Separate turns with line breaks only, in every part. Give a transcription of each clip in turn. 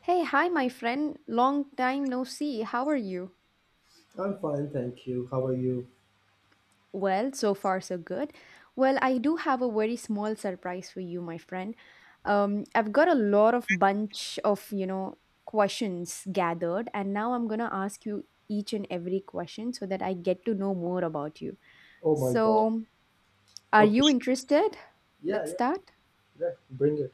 Hey, hi, my friend. Long time no see. How are you?
I'm fine, thank you. How are you?
Well, so far, so good. Well, I do have a very small surprise for you, my friend. I've got a lot of bunch of, you know, questions gathered, and now I'm gonna ask you each and every question so that I get to know more about you.
Oh my god.
So, are
Okay.
you interested?
Yeah,
Let's
yeah,
start.
yeah. Bring it.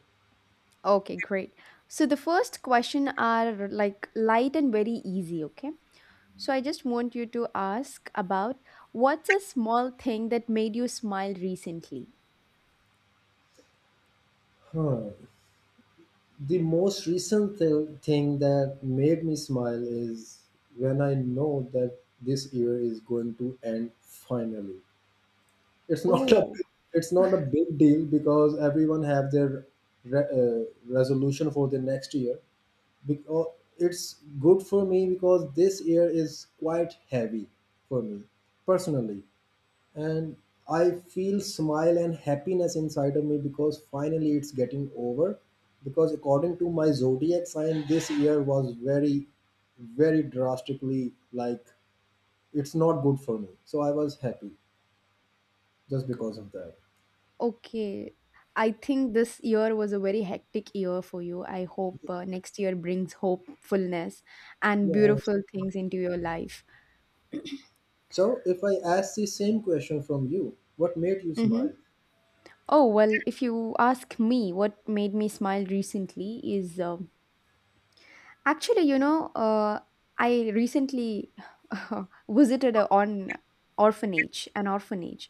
Okay, great. So, the first question are like light and very easy, okay? So I just want you to ask about what's a small thing that made you smile recently?
Huh. The most recent thing that made me smile is when I know that this year is going to end finally. It's not a
Oh,
it's not a big deal because everyone have their re- uh, resolution for the next year. Because it's good for me because this year is quite heavy for me personally and I feel smile and happiness inside of me because finally it's getting over. Because according to my zodiac sign, this year was very, very drastically like it's not good for me. So I was happy just because of that.
okay. I think this year was a very hectic year for you. I hope next year brings hopefulness and
Yeah.
beautiful things into your life.
So if I ask the same question from you, what made you smile?
Mm-hmm. Oh, well, if you ask me what made me smile recently is actually, you know, I recently visited a on orphanage, an orphanage.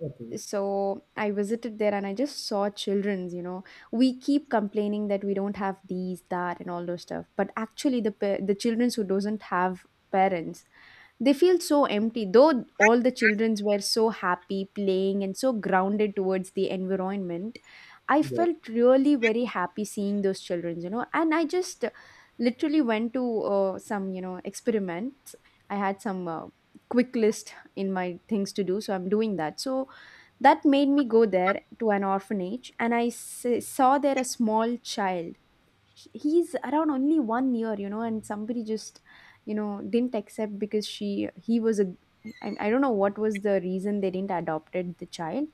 Okay.
So I visited there and I just saw children's, you know, we keep complaining that we don't have these that and all those stuff, but actually the children's who doesn't have parents, they feel so empty. Though all the children's were so happy playing and so grounded towards the environment, I
Yeah.
felt really very happy seeing those children's, you know. And I just literally went to some, you know, experiments. I had some quick list in my things to do, so I'm doing that. So that made me go there to an orphanage, and I saw there a small child. He's around only 1 year, you know, and somebody just, you know, didn't accept because she he was a I don't know what was the reason they didn't adopted the child,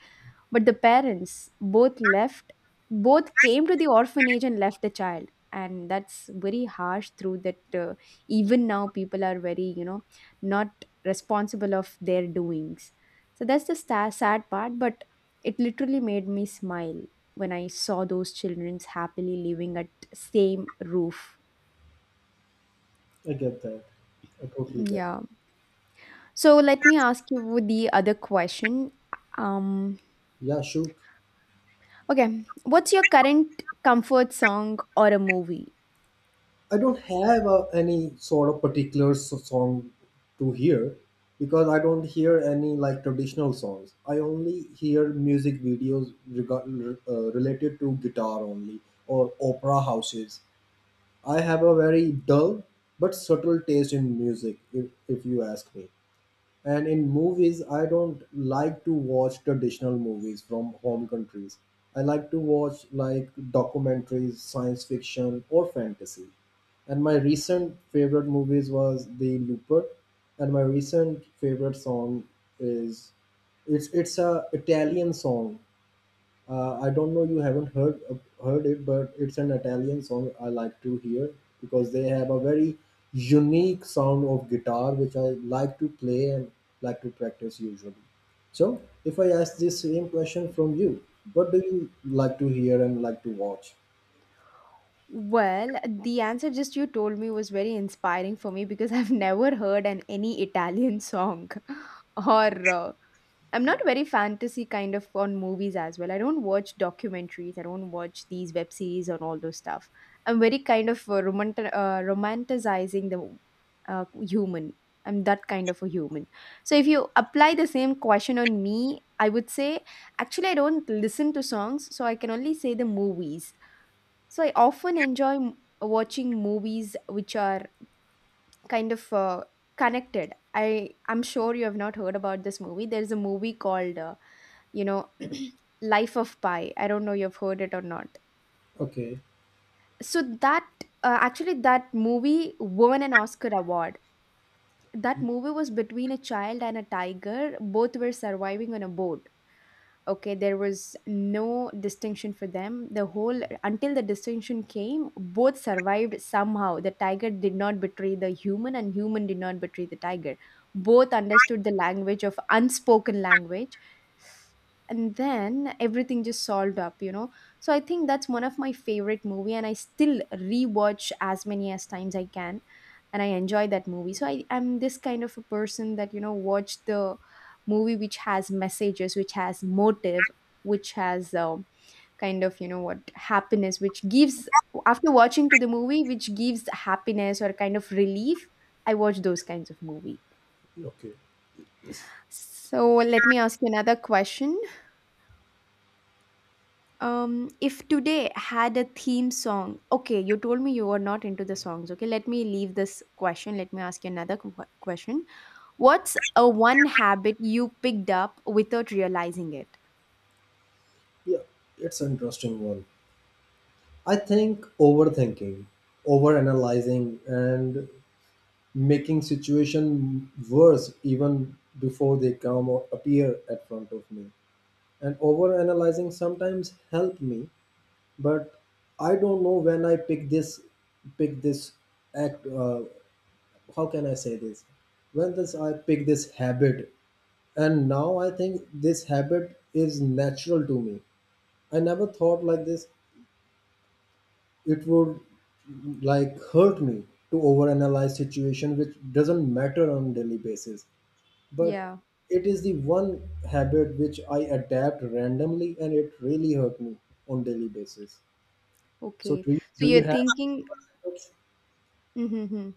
but the parents both left, both came to the orphanage and left the child. And that's very harsh through that. Even now people are very, you know, not responsible of their doings. So that's the sta sad part, but it literally made me smile when I saw those children's happily living at same roof.
I get that. I totally get.
Yeah. So let me ask you the other question. Um,
Yeah, shoot.
okay, what's your current comfort song or a movie?
I don't have any sort of particular song to hear because I don't hear any like traditional songs. I only hear music videos regard, related to guitar only or opera houses. I have a very dull but subtle taste in music, if you ask me. And in movies, I don't like to watch traditional movies from home countries. I like to watch like documentaries, science fiction, or fantasy. And my recent favorite movies was The Looper, and my recent favorite song is it's a Italian song I don't know you haven't heard heard it, but it's an Italian song I like to hear because they have a very unique sound of guitar which I like to play and like to practice usually. So, if I ask this same question from you, what do you like to hear and like to watch?
Well, the answer just you told me was very inspiring for me because I've never heard an any Italian song or I'm not very fantasy kind of on movies as well. I don't watch documentaries. I don't watch these web series and all those stuff. I'm very kind of romanticizing the human. I'm that kind of a human. So if you apply the same question on me, I would say actually I don't listen to songs, so I can only say the movies. So I often enjoy watching movies which are kind of connected. I'm sure you have not heard about this movie. There's a movie called you know, Life of Pi. I don't know you've heard it or not.
Okay,
So that actually, that movie won an Oscar award. That movie was between a child and a tiger. Both were surviving on a boat. Okay, there was no distinction for them the whole until the distinction came. Both survived somehow. The tiger did not betray the human and human did not betray the tiger. Both understood the language of unspoken language, and then everything just solved up, you know. So I think that's one of my favorite movie, and I still rewatch as many as times I can, and I enjoy that movie. So I am this kind of a person that, you know, watch the movie which has messages, which has motive, which has kind of, you know what, happiness which gives after watching to the movie, which gives happiness or kind of relief. I watch those kinds of movie.
okay,
So let me ask you another question. um if today had a theme song, okay, you told me you were not into the songs. Okay, let me leave this question. Let me ask you another question. What's a one habit you picked up without realizing it?
yeah, it's an interesting one. I think overthinking, overanalyzing, and making situation worse even before they come or appear at front of me and over analyzing sometimes help me but I don't know when I pick this act how can I say this when this I pick this habit and now I think this habit is natural to me. I never thought like this it would like hurt me to overanalyze situation which doesn't matter on daily basis but
Yeah,
it is the one habit which I adapt randomly and it really hurt me on daily basis. So
okay. So
do you
you're
have
thinking, mm-hmm. Mm-hmm.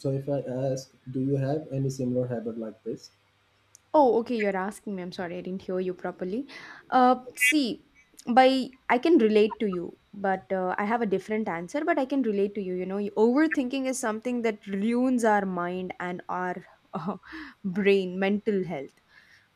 so if I ask, do you have any similar habit like this?
Oh, okay, you're asking me. I'm sorry, I didn't hear you properly. See, by I can relate to you, but I have a different answer, but I can relate to you. You know, overthinking is something that ruins our mind and our uh, brain, mental health.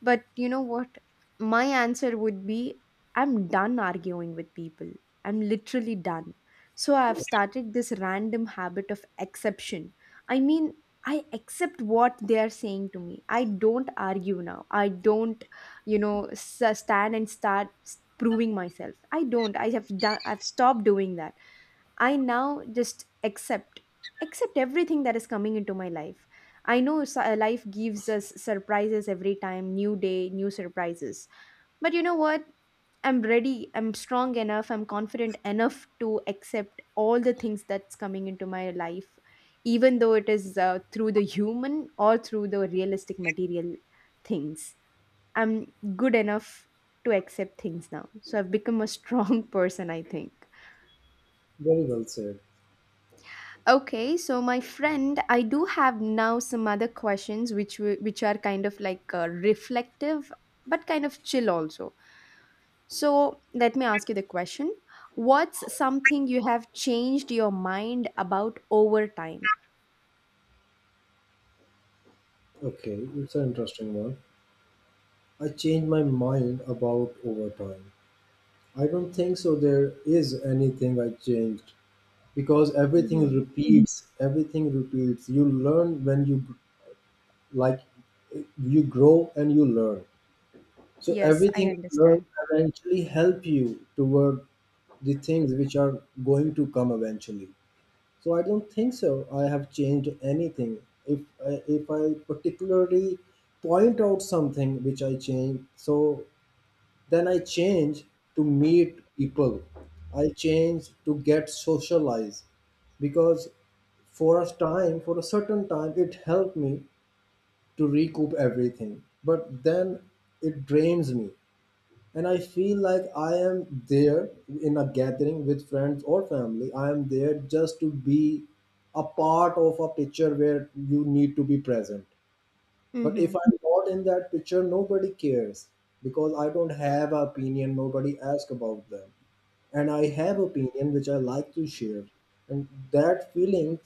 But you know what? My answer would be I'm done arguing with people. I'm literally done. So I've started this random habit of exception. I mean, I accept what they are saying to me. I don't argue now. I don't, you know, stand and start proving myself. I don't. I have done. I've stopped doing that. I now just accept everything that is coming into my life. I know life gives us surprises every time, new day, new surprises. But you know what? I'm ready, I'm strong enough, I'm confident enough to accept all the things that's coming into my life, even though it is through the human or through the realistic material things. I'm good enough to accept things now. So I've become a strong person, I think.
Very well said.
Okay, so my friend, I do have now some other questions which are kind of like reflective but kind of chill also. So let me ask you the question. What's something you have changed your mind about over time?
Okay, it's an interesting one. I changed my mind about overtime. I don't think so. There is anything I changed because everything
Mm-hmm.
repeats. Everything repeats. You learn when you like, you grow and you learn. So
Yes, I
everything you learn
understand.
eventually help you toward the things which are going to come eventually. So I don't think so. I have changed anything. If I particularly point out something which I change, so then I change to meet people. I change to get socialized because for a time, for a certain time, it helped me to recoup everything. But then it drains me and I feel like I am there in a gathering with friends or family. I am there just to be a part of a picture where you need to be present, but if
Mm-hmm.
I'm not in that picture, nobody cares because I don't have an opinion. Nobody asks about them, and I have opinion which I like to share, and that feeling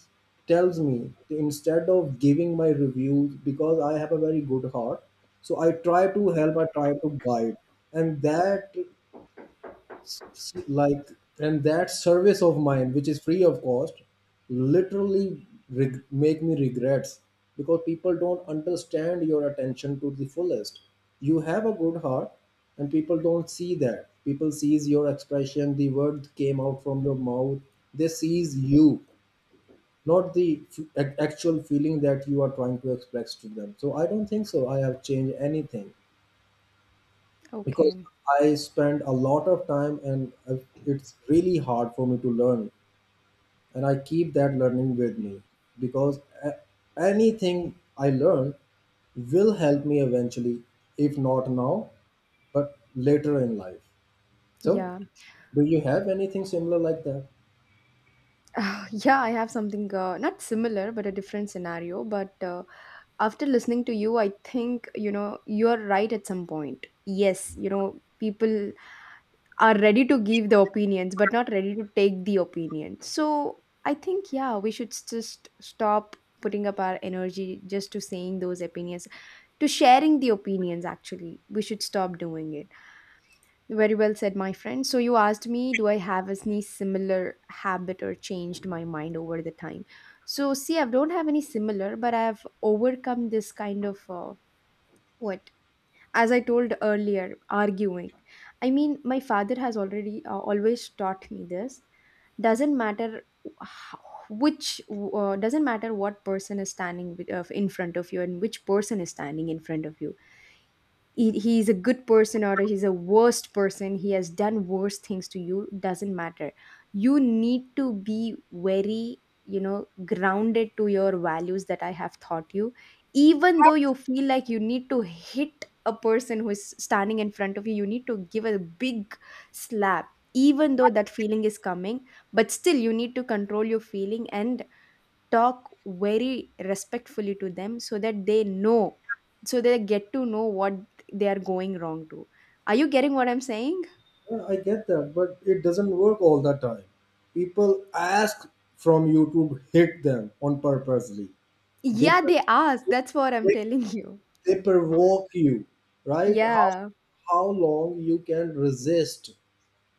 tells me to instead of giving my reviews because I have a very good heart, so I try to help. I try to guide, and that like and that service of mine which is free of cost literally make me regrets because people don't understand your attention to the fullest. You have a good heart and people don't see that. People sees your expression, the word came out from your mouth. They sees you, not the actual feeling that you are trying to express to them. So I don't think so I have changed anything because
Okay.
I spend a lot of time and it's really hard for me to learn. And I keep that learning with me because anything I learn will help me eventually, if not now, but later in life. So,
Yeah.
do you have anything similar like that?
Yeah, I have something not similar, but a different scenario. But after listening to you, I think, you know, you're right at some point. Yes, you know, people are ready to give the opinions but not ready to take the opinion. So I think, yeah, we should just stop putting up our energy just to saying those opinions, to sharing the opinions. Actually, we should stop doing it. Very well said, my friend. So you asked me, do I have any similar habit or changed my mind over the time. So see, I don't have any similar, but I have overcome this kind of what, as I told earlier, arguing. I mean, my father has already always taught me this. Doesn't matter, h- which doesn't matter what person is standing in front of you, and which person is standing in front of you. He's a good person or he's a worst person. He has done worse things to you, doesn't matter. You need to be very, you know, grounded to your values that I have taught you. Even though you feel like you need to hit a person who is standing in front of you, you need to give a big slap. Even though that feeling is coming, but still you need to control your feeling and talk very respectfully to them so that they know, so they get to know what they are going wrong to. Are you getting what I'm saying?
Yeah, I get that, but it doesn't work all the time. People ask from you to hit them on purposely. They,
Yeah, they ask, that's what I'm
they
telling you.
they provoke you, right? How
Yeah,
long you can resist,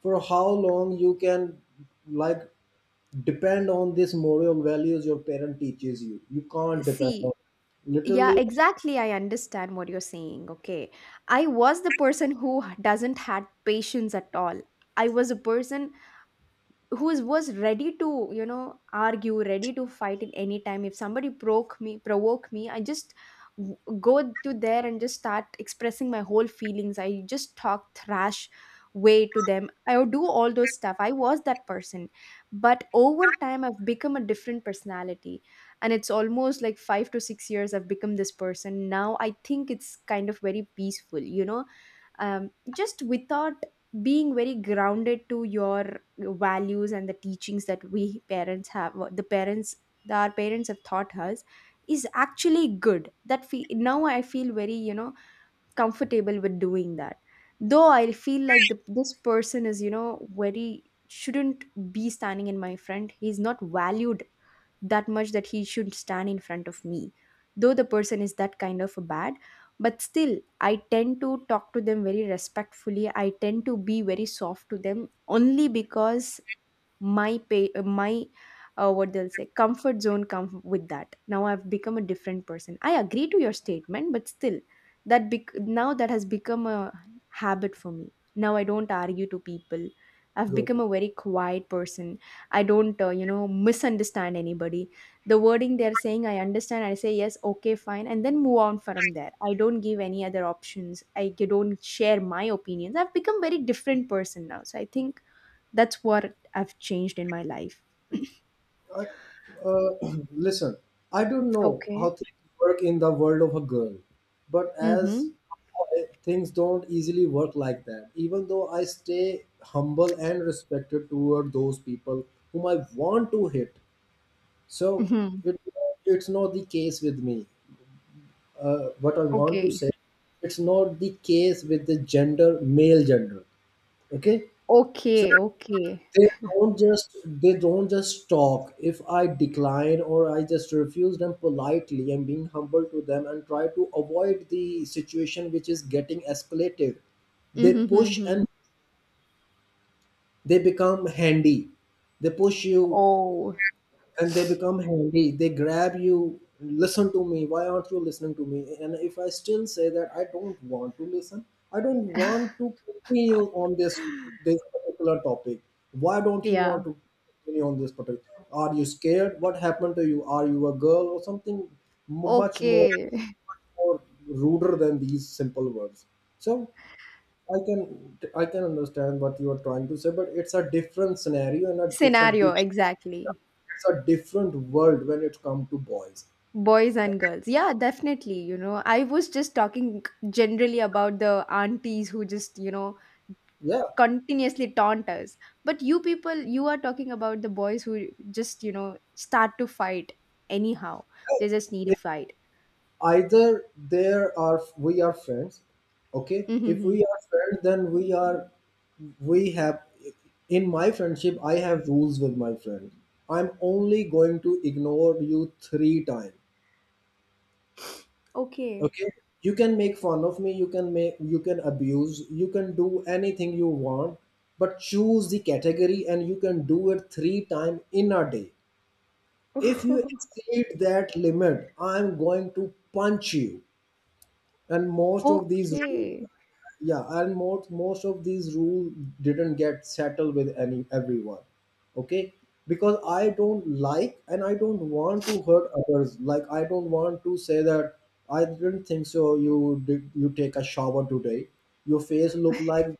for how long you can like depend on this moral values your parent teaches you. You can't depend on
see. Yeah,
literally
exactly, I understand what you're saying. Okay, I was the person who doesn't had patience at all. I was a person who was ready to, you know, argue, ready to fight at any time. If somebody broke me, provoke me, I just go to there and just start expressing my whole feelings. I just talk trash way to them. I would do all those stuff. I was that person. But over time, I've become a different personality. And it's almost like 5 to 6 years I've become this person now. I think it's kind of very peaceful, you know. um, just without being very grounded to your values and the teachings that we parents have, what the parents, that our parents have taught us is actually good. That now I feel very, you know, comfortable with doing that. Though I feel like this person is, you know, very shouldn't be standing in my front. He's not valued that much that he should stand in front of me. Though the person is that kind of bad, but still I tend to talk to them very respectfully. I tend to be very soft to them only because my what they'll say comfort zone come with that. Now I've become a different person. I agree to your statement, but still, now that has become a habit for me. Now I don't argue to people. I've become
good.
a very quiet person. I don't you know, misunderstand anybody. The wording they're saying, I understand, I say yes, okay, fine, and then move on from there. I don't give any other options. I don't share my opinions. I've become very different person now. So I think that's what I've changed in my life.
I, uh, listen, I don't know how
Okay.
things work in the world of a girl but as
Mhm.
things don't easily work like that even though I stay humble and respected toward those people whom I want to hit. So
Mhm.
it, it's not the case with me. What I want to
Okay.
say, it's not the case with the gender, male gender. Okay, so
Okay, okay.
they don't just talk. If I decline or I just refuse them politely and being humble to them and try to avoid the situation which is getting escalated, they
Mm-hmm.
push
Mm-hmm.
and they become handy. They push you
Oh,
and they become handy. They grab you. Listen to me, why aren't you listening to me? And if I still say that I don't want to listen, I don't want to continue on this particular topic, why don't you
yeah.
want to continue on this particular, are you scared, what happened to you, are you a girl or something? Much more,
Okay.
more ruder than these simple words. So I can I can understand what you are trying to say but it's a different scenario and it's a
Scenario,
different,
exactly.
it's a different world when it comes to boys.
Boys and girls. Yeah, definitely. I was just talking generally about the aunties who just,
Yeah,
continuously taunt us. But you people, you are talking about the boys who just, start to fight anyhow. They just need a
if
fight.
either there are we are friends. Okay, if
Mm-hmm.
we are friends then we are, we have, in my friendship I have rules with my friend. I'm only going to ignore you three times.
Okay.
Okay, you can make fun of me, you can make, you can abuse, you can do anything you want, but choose the category and you can do it three times in a day. If you exceed that limit I'm going to punch you. And most of these
Okay.
yeah, and most of these rules didn't get settled with any everyone, okay? Because I don't like and I don't want to hurt others. Like I don't want to say that I didn't think so you did, you take a shower today, your face look like,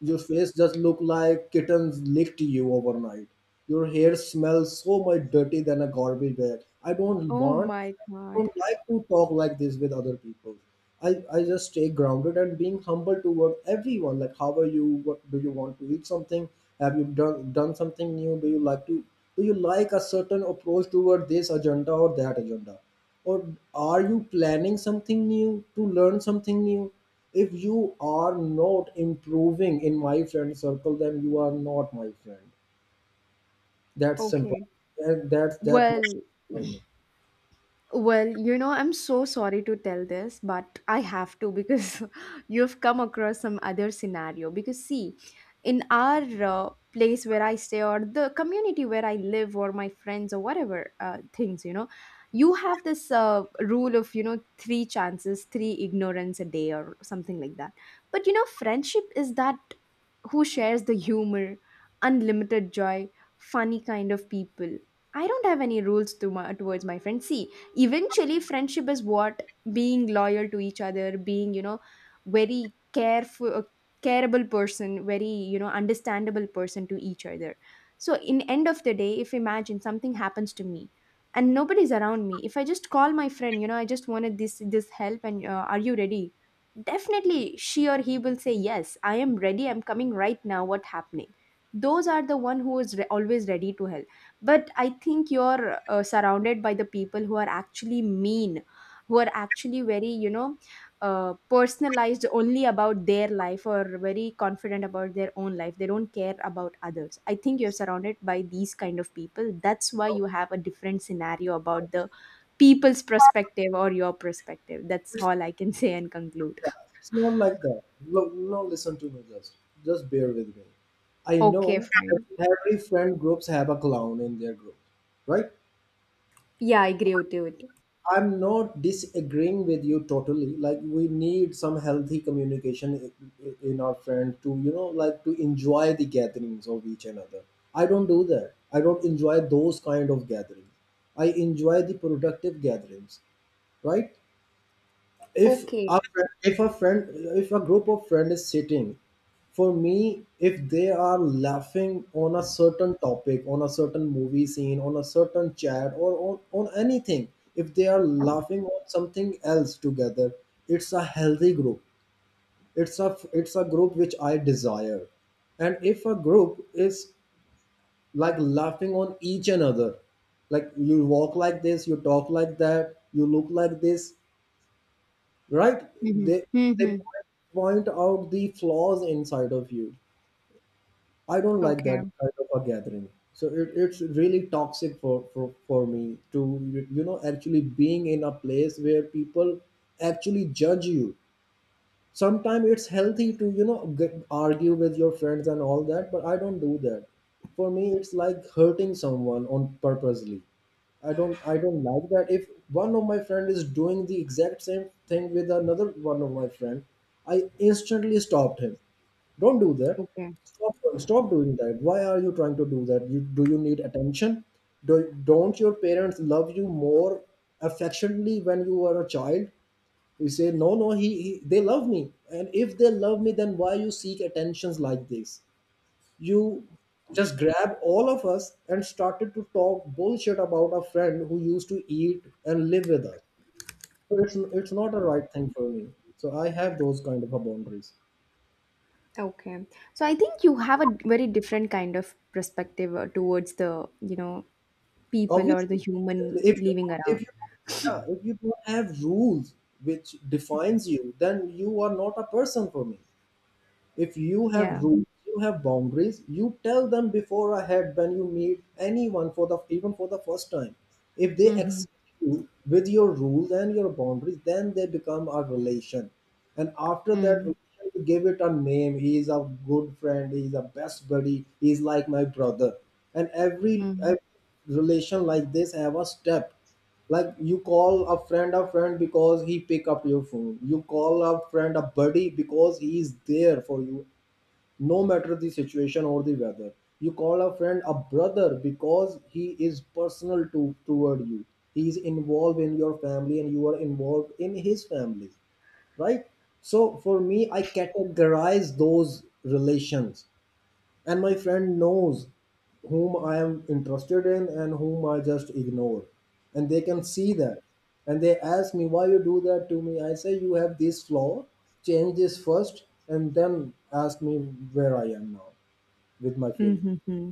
your face just look like kittens licked you overnight. Your hair smells so much dirty than a garbage bag. I don't
Oh
want,
my
I
God.
don't like to talk like this with other people. I just stay grounded and being humble toward everyone. Like, how are you? What do you want to eat? Something? Have you done something new? Do you like to? Do you like a certain approach toward this agenda or that agenda? Or are you planning something new, to learn something new? If you are not improving in my friend circle, then you are not my friend. That's simple.
Okay.
That's that much
Well,
for me.
Well, you know, I'm so sorry to tell this, but I have to because you've come across some other scenario. Because, see, in our place where I stay, or the community where I live, or my friends, or whatever things, you know, you have this rule of, you know, three chances, three ignorance a day, or something like that. But, you know, friendship is that who shares the humor, unlimited joy, funny kind of people. I don't have any rules to my, towards my friends. See, eventually friendship is what being loyal to each other, being you know very careful careable person, very you know understandable person to each other. So in end of the day, if imagine something happens to me and nobody's around me, if I just call my friend, you know, I just wanted this help and are you ready? Definitely she or he will say yes, I am ready, I'm coming right now, what happening. Those are the one who is always ready to help. But I think you're surrounded by the people who are actually mean, who are actually very you know personalized only about their life, or very confident about their own life, they don't care about others. I think you're surrounded by these kind of people. That's why you have a different scenario about the people's perspective or your perspective. That's all I can say and conclude.
Yeah, it's not like that. Look, now listen to me, just bear with me. I
Okay,
know
fine.
every friend groups have a clown in their group, right?
Yeah, I agree with you.
I'm not disagreeing with you totally. Like, we need some healthy communication in our friend to, you know, like to enjoy the gatherings of each another. I don't do that. I don't enjoy those kind of gatherings. I enjoy the productive gatherings, right?
Okay.
If a friend, if a group of friend is sitting, for me, if they are laughing on a certain topic, on a certain movie scene, on a certain chat, or on anything, if they are laughing on something else together, it's a healthy group, it's a group which I desire. And if a group is like laughing on each another, like you walk like this, you talk like that, you look like this, right?
Mm-hmm.
they they
Mm-hmm.
point out the flaws inside of you. I don't like
Okay.
that kind of a gathering. So it's really toxic for, for me to, you know, actually being in a place where people actually judge you. Sometimes it's healthy to, you know, argue with your friends and all that, but I don't do that. For me it's like hurting someone on purposely. I don't like that. If one of my friend is doing the exact same thing with another one of my friend, I instantly stopped him. Don't do that.
Okay.
Stop doing that. Why are you trying to do that? Do you need attention? Don't your parents love you more affectionately when you were a child? You say, no, no, he they love me. And if they love me, then why you seek attentions like this? You just grab all of us and started to talk bullshit about a friend who used to eat and live with us. So it's not a right thing for me. So I have those kind of a boundaries.
Okay. So I think you have a very different kind of perspective towards the, you know, people or the
Obviously,
human
if you
living
if
around.
you yeah if you don't have rules which defines you, then you are not a person for me. If you have
Yeah.
rules, you have boundaries, you tell them before ahead when you meet anyone for the even for the first time. If they
Mm-hmm.
accept you with your rules and your boundaries, then they become a relation. And after that
Mm-hmm.
relation, you give it a name. He is a good friend, he is a best buddy, he is like my brother. And every,
Mm-hmm.
every relation like this have a step, like you call a friend because he pick up your phone. You call a friend a buddy because he is there for you no matter the situation or the weather. You call a friend a brother because he is personal to toward you. He is involved in your family and you are involved in his family, right? So for me, I categorize those relations, and my friend knows whom I am interested in and whom I just ignore. And they can see that, and they ask me, why you do that to me? I say, you have this flaw, change this first, and then ask me where I am now with my feelings.
Mm-hmm.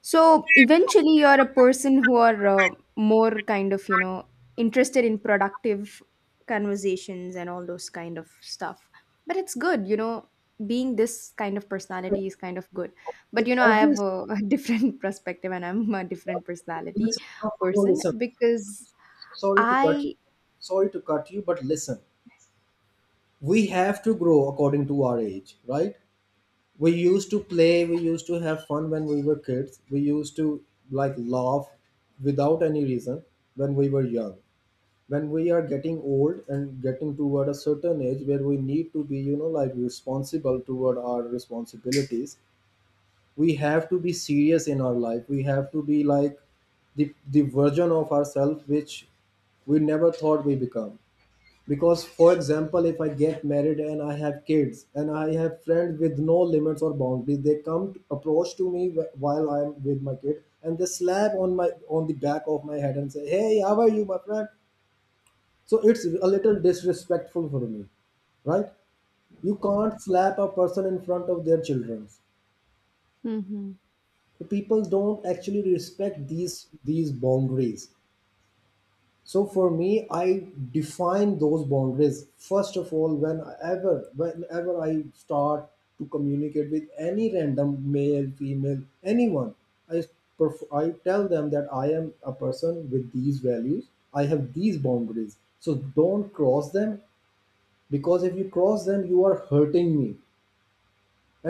So eventually, you're a person who are more kind of, you know, interested in productive conversations and all those kind of stuff. But it's good, you know, being this kind of personality is kind of good.
The
But, you know, I have
obvious,
a, a different perspective and I'm a different personality
listen, no, no,
person
listen.
because
Sorry to cut you,
I,
sorry to cut you, but listen, we have to grow according to our age, right? We used to play, we used to have fun when we were kids. We used to like laugh without any reason when we were young. When we are getting old and getting toward a certain age where we need to be, you know, like responsible toward our responsibilities, we have to be serious in our life. We have to be like the version of ourselves which we never thought we become. Because for example, if I get married and I have kids and I have friends with no limits or boundaries, they approach to me while I'm with my kid and they slap on my, on the back of my head and say, hey, how are you, my friend? So it's a little disrespectful for me, right? You can't slap a person in front of their children.
Mm-hmm.
So people don't actually respect these boundaries. So for me, I define those boundaries first of all, whenever I start to communicate with any random male, female, anyone. I I tell them that I am a person with these values. I have these boundaries. So don't cross them, because if you cross them, you are hurting me.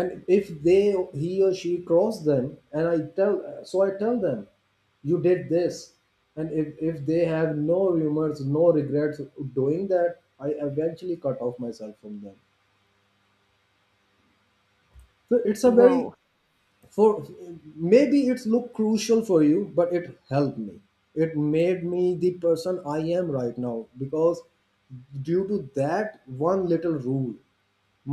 And if they, he or she cross them, and I tell, so I tell them, you did this. And if they have no remorse, no regrets doing that, I eventually cut off myself from them. So it's a very, for, maybe it's look crucial for you, but it helped me. It made me the person I am right now, because due to that one little rule,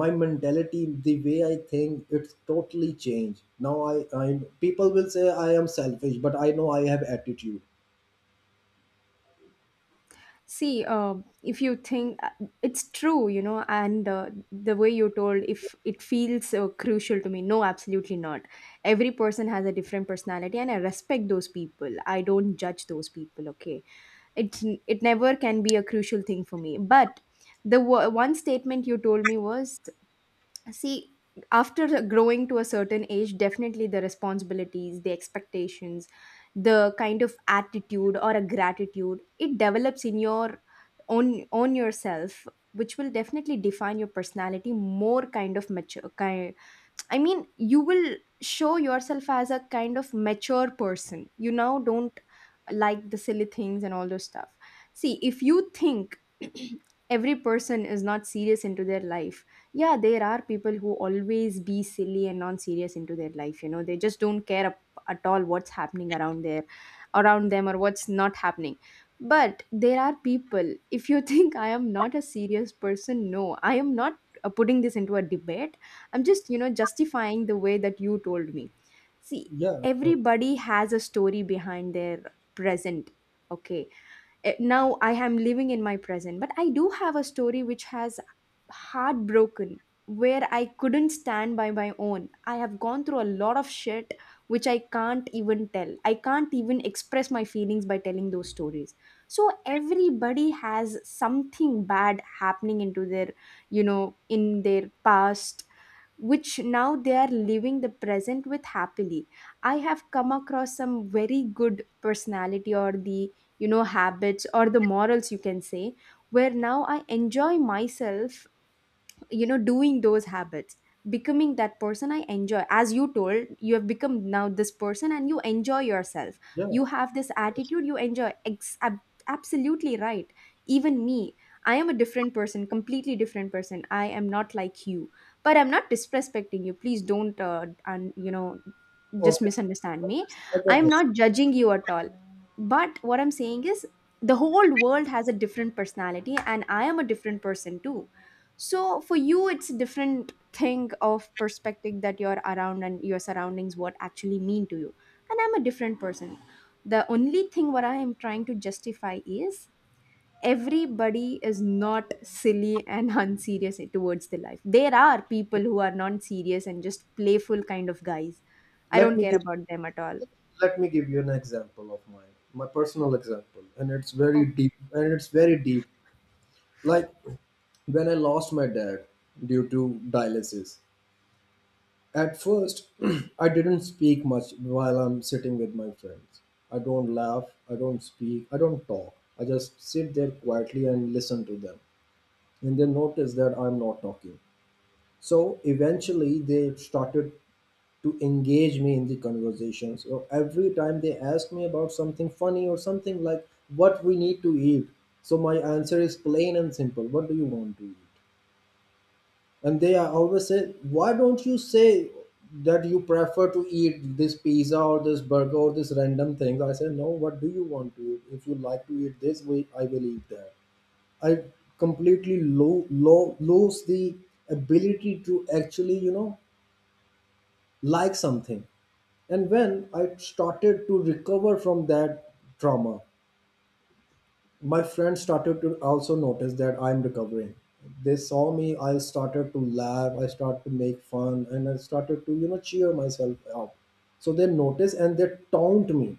my mentality, the way I think, it's totally changed now. I people will say I am selfish, but I know I have attitude.
See, if you think it's true, you know, and the way you told, if it feels crucial to me, no, absolutely not. Every person has a different personality, and I respect those people. I don't judge those people. Okay, it's it never can be a crucial thing for me. But the one statement you told me was, see, after growing to a certain age, definitely the responsibilities, the expectations, the kind of attitude or a gratitude, it develops in your own on yourself, which will definitely define your personality more kind of mature. I mean, you will show yourself as a kind of mature person. You now don't like the silly things and all those stuff. See, if you think every person is not serious into their life, yeah, there are people who always be silly and non-serious into their life. You know, they just don't care at all what's happening around there, around them or what's not happening. But there are people. If you think I am not a serious person, no, I am not putting this into a debate. I'm just, you know, justifying the way that you told me. See,
Yeah, no,
everybody has a story behind their present. Okay. Now I am living in my present, but I do have a story which has heartbroken, where I couldn't stand by my own. I have gone through a lot of shit which I can't even tell. I can't even express my feelings by telling those stories. So everybody has something bad happening into their, you know, in their past, which now they are living the present with happily. I have come across some very good personality or the, you know, habits or the morals you can say, where now I enjoy myself, you know, doing those habits, becoming that person. I enjoy, as you told, you have become now this person and you enjoy yourself,
yeah,
you have this attitude, you enjoy absolutely right. Even me, I am a different person, completely different person. I am not like you, but I'm not disrespecting you. Please don't you know just
obvious,
misunderstand me.
obvious. Like I
I
get
am
that.
not judging you at all, but what I'm saying is the whole world has a different personality and I am a different person too. So for you, it's a different thing of perspective that you're around, and your surroundings what actually mean to you. And I'm a different person. The only thing what I am trying to justify is everybody is not silly and unserious towards the life. There are people who are non-serious and just playful kind of guys. I
let
don't
me
care
give
about them at all.
let me give you an example of mine, my personal example, and
Okay.
it's very deep, like when I lost my dad due to dialysis. At first, I didn't speak much while I'm sitting with my friends. I don't laugh, I don't speak, I don't talk. I just sit there quietly and listen to them. And they notice that I'm not talking. So eventually, they started to engage me in the conversation. So every time they ask me about something funny or something like what we need to eat, so my answer is plain and simple, what do you want to eat? And they are always say, why don't you say that you prefer to eat this pizza or this burger or this random thing? I say, no, what do you want to eat? If you like to eat this way, I will eat that. I completely lose the ability to actually, you know, like something. And when I started to recover from that trauma, my friends started to also notice that I'm recovering. They saw me, I started to laugh, I started to make fun, and I started to, you know, cheer myself up. So they noticed and they taunt me.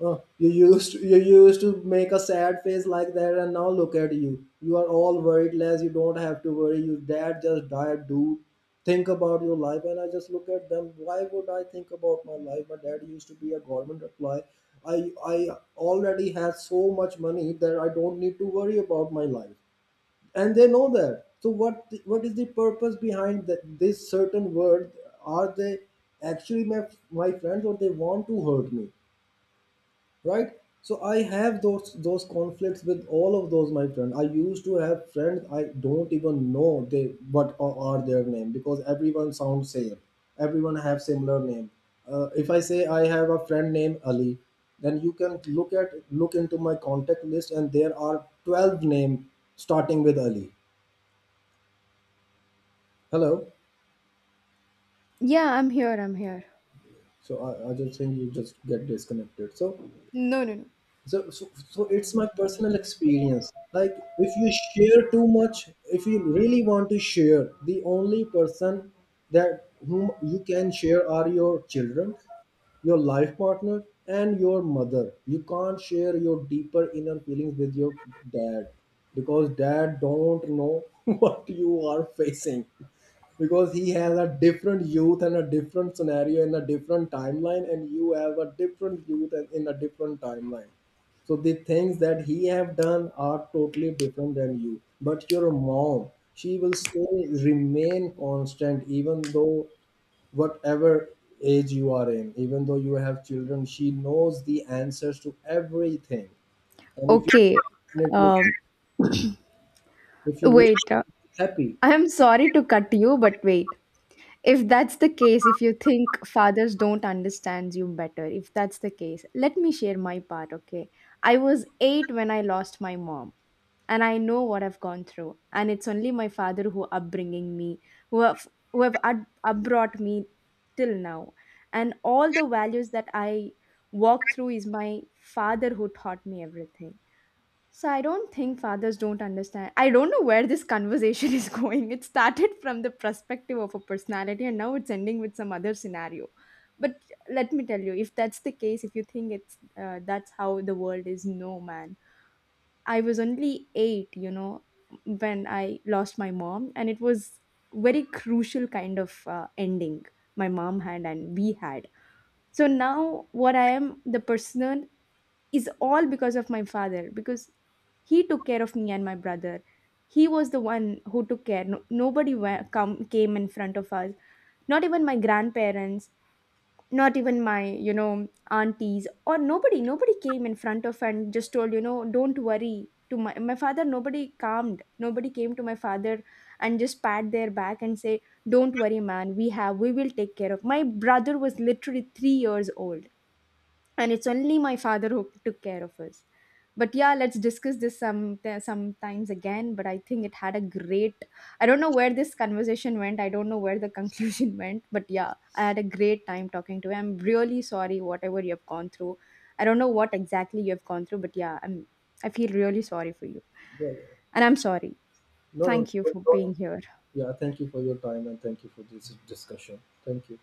Oh, you used to make a sad face like that, and now look at you. You are all worried less. You don't have to worry. Your dad just died, dude. Think about your life. And I just look at them. Why would I think about my life? My dad used to be a government employee. I I already had so much money that I don't need to worry about my life, and they know that. So what is the purpose behind that, this certain word? Are they actually my friends, or they want to hurt me? Right? So I have those conflicts with all of those my friend. I used to have friends I don't even know they what are their name, because everyone sounds same, everyone have similar name. If I say I have a friend named Ali, then you can look at, look into my contact list, and there are 12 name starting with Ali. Hello?
Yeah, I'm here. I'm here.
So I just think you just get disconnected. So
No, no, no.
so, so so it's my personal experience. Like if you share too much, if you really want to share, the only person that whom you can share are your children, your life partner, and your mother. You can't share your deeper inner feelings with your dad, because dad don't know what you are facing, because he has a different youth and a different scenario in a different timeline, and you have a different youth and in a different timeline. So the things that he have done are totally different than you. But your mom, she will still remain constant. Even though whatever age you are in, even though you have children, she knows the answers to everything. And if you
Okay.
and if you
Um,
If you really
wait.
happy,
I'm sorry to cut you, but wait. If that's the case, if you think fathers don't understand you better, if that's the case, let me share my part. Okay. I was 8 when I lost my mom, and I know what I've gone through, and it's only my father who upbringing me, who have who have upbrought me till now. And all the values that I walk through is my father who taught me everything. So I don't think fathers don't understand. I don't know where this conversation is going. It started from the perspective of a personality and now it's ending with some other scenario. But let me tell you, if that's the case, if you think it's that's how the world is, no man. I was only 8, you know, when I lost my mom, and it was very crucial kind of ending my mom had and we had. So now what I am the personal is all because of my father, because he took care of me and my brother. He was the one who took care. No, nobody wa- come came in front of us, not even my grandparents, not even my you know aunties, or nobody. Nobody came in front of and just told, you know, don't worry, to my father. Nobody calmed, nobody came to my father and just pat their back and say, don't worry man, we will take care. Of my brother was literally 3 years old, and it's only my father who took care of us. But yeah, let's discuss this sometimes again. But I think it had a great, I don't know where this conversation went, I don't know where the conclusion went, but yeah, I had a great time talking to you. I'm really sorry whatever you have gone through. I don't know what exactly you have gone through, but yeah, I'm, I feel really sorry for you.
no,
And I'm sorry.
no don't,
Thank you for being
don't.
here.
Yeah, thank you for your time and thank you for this discussion. Thank you.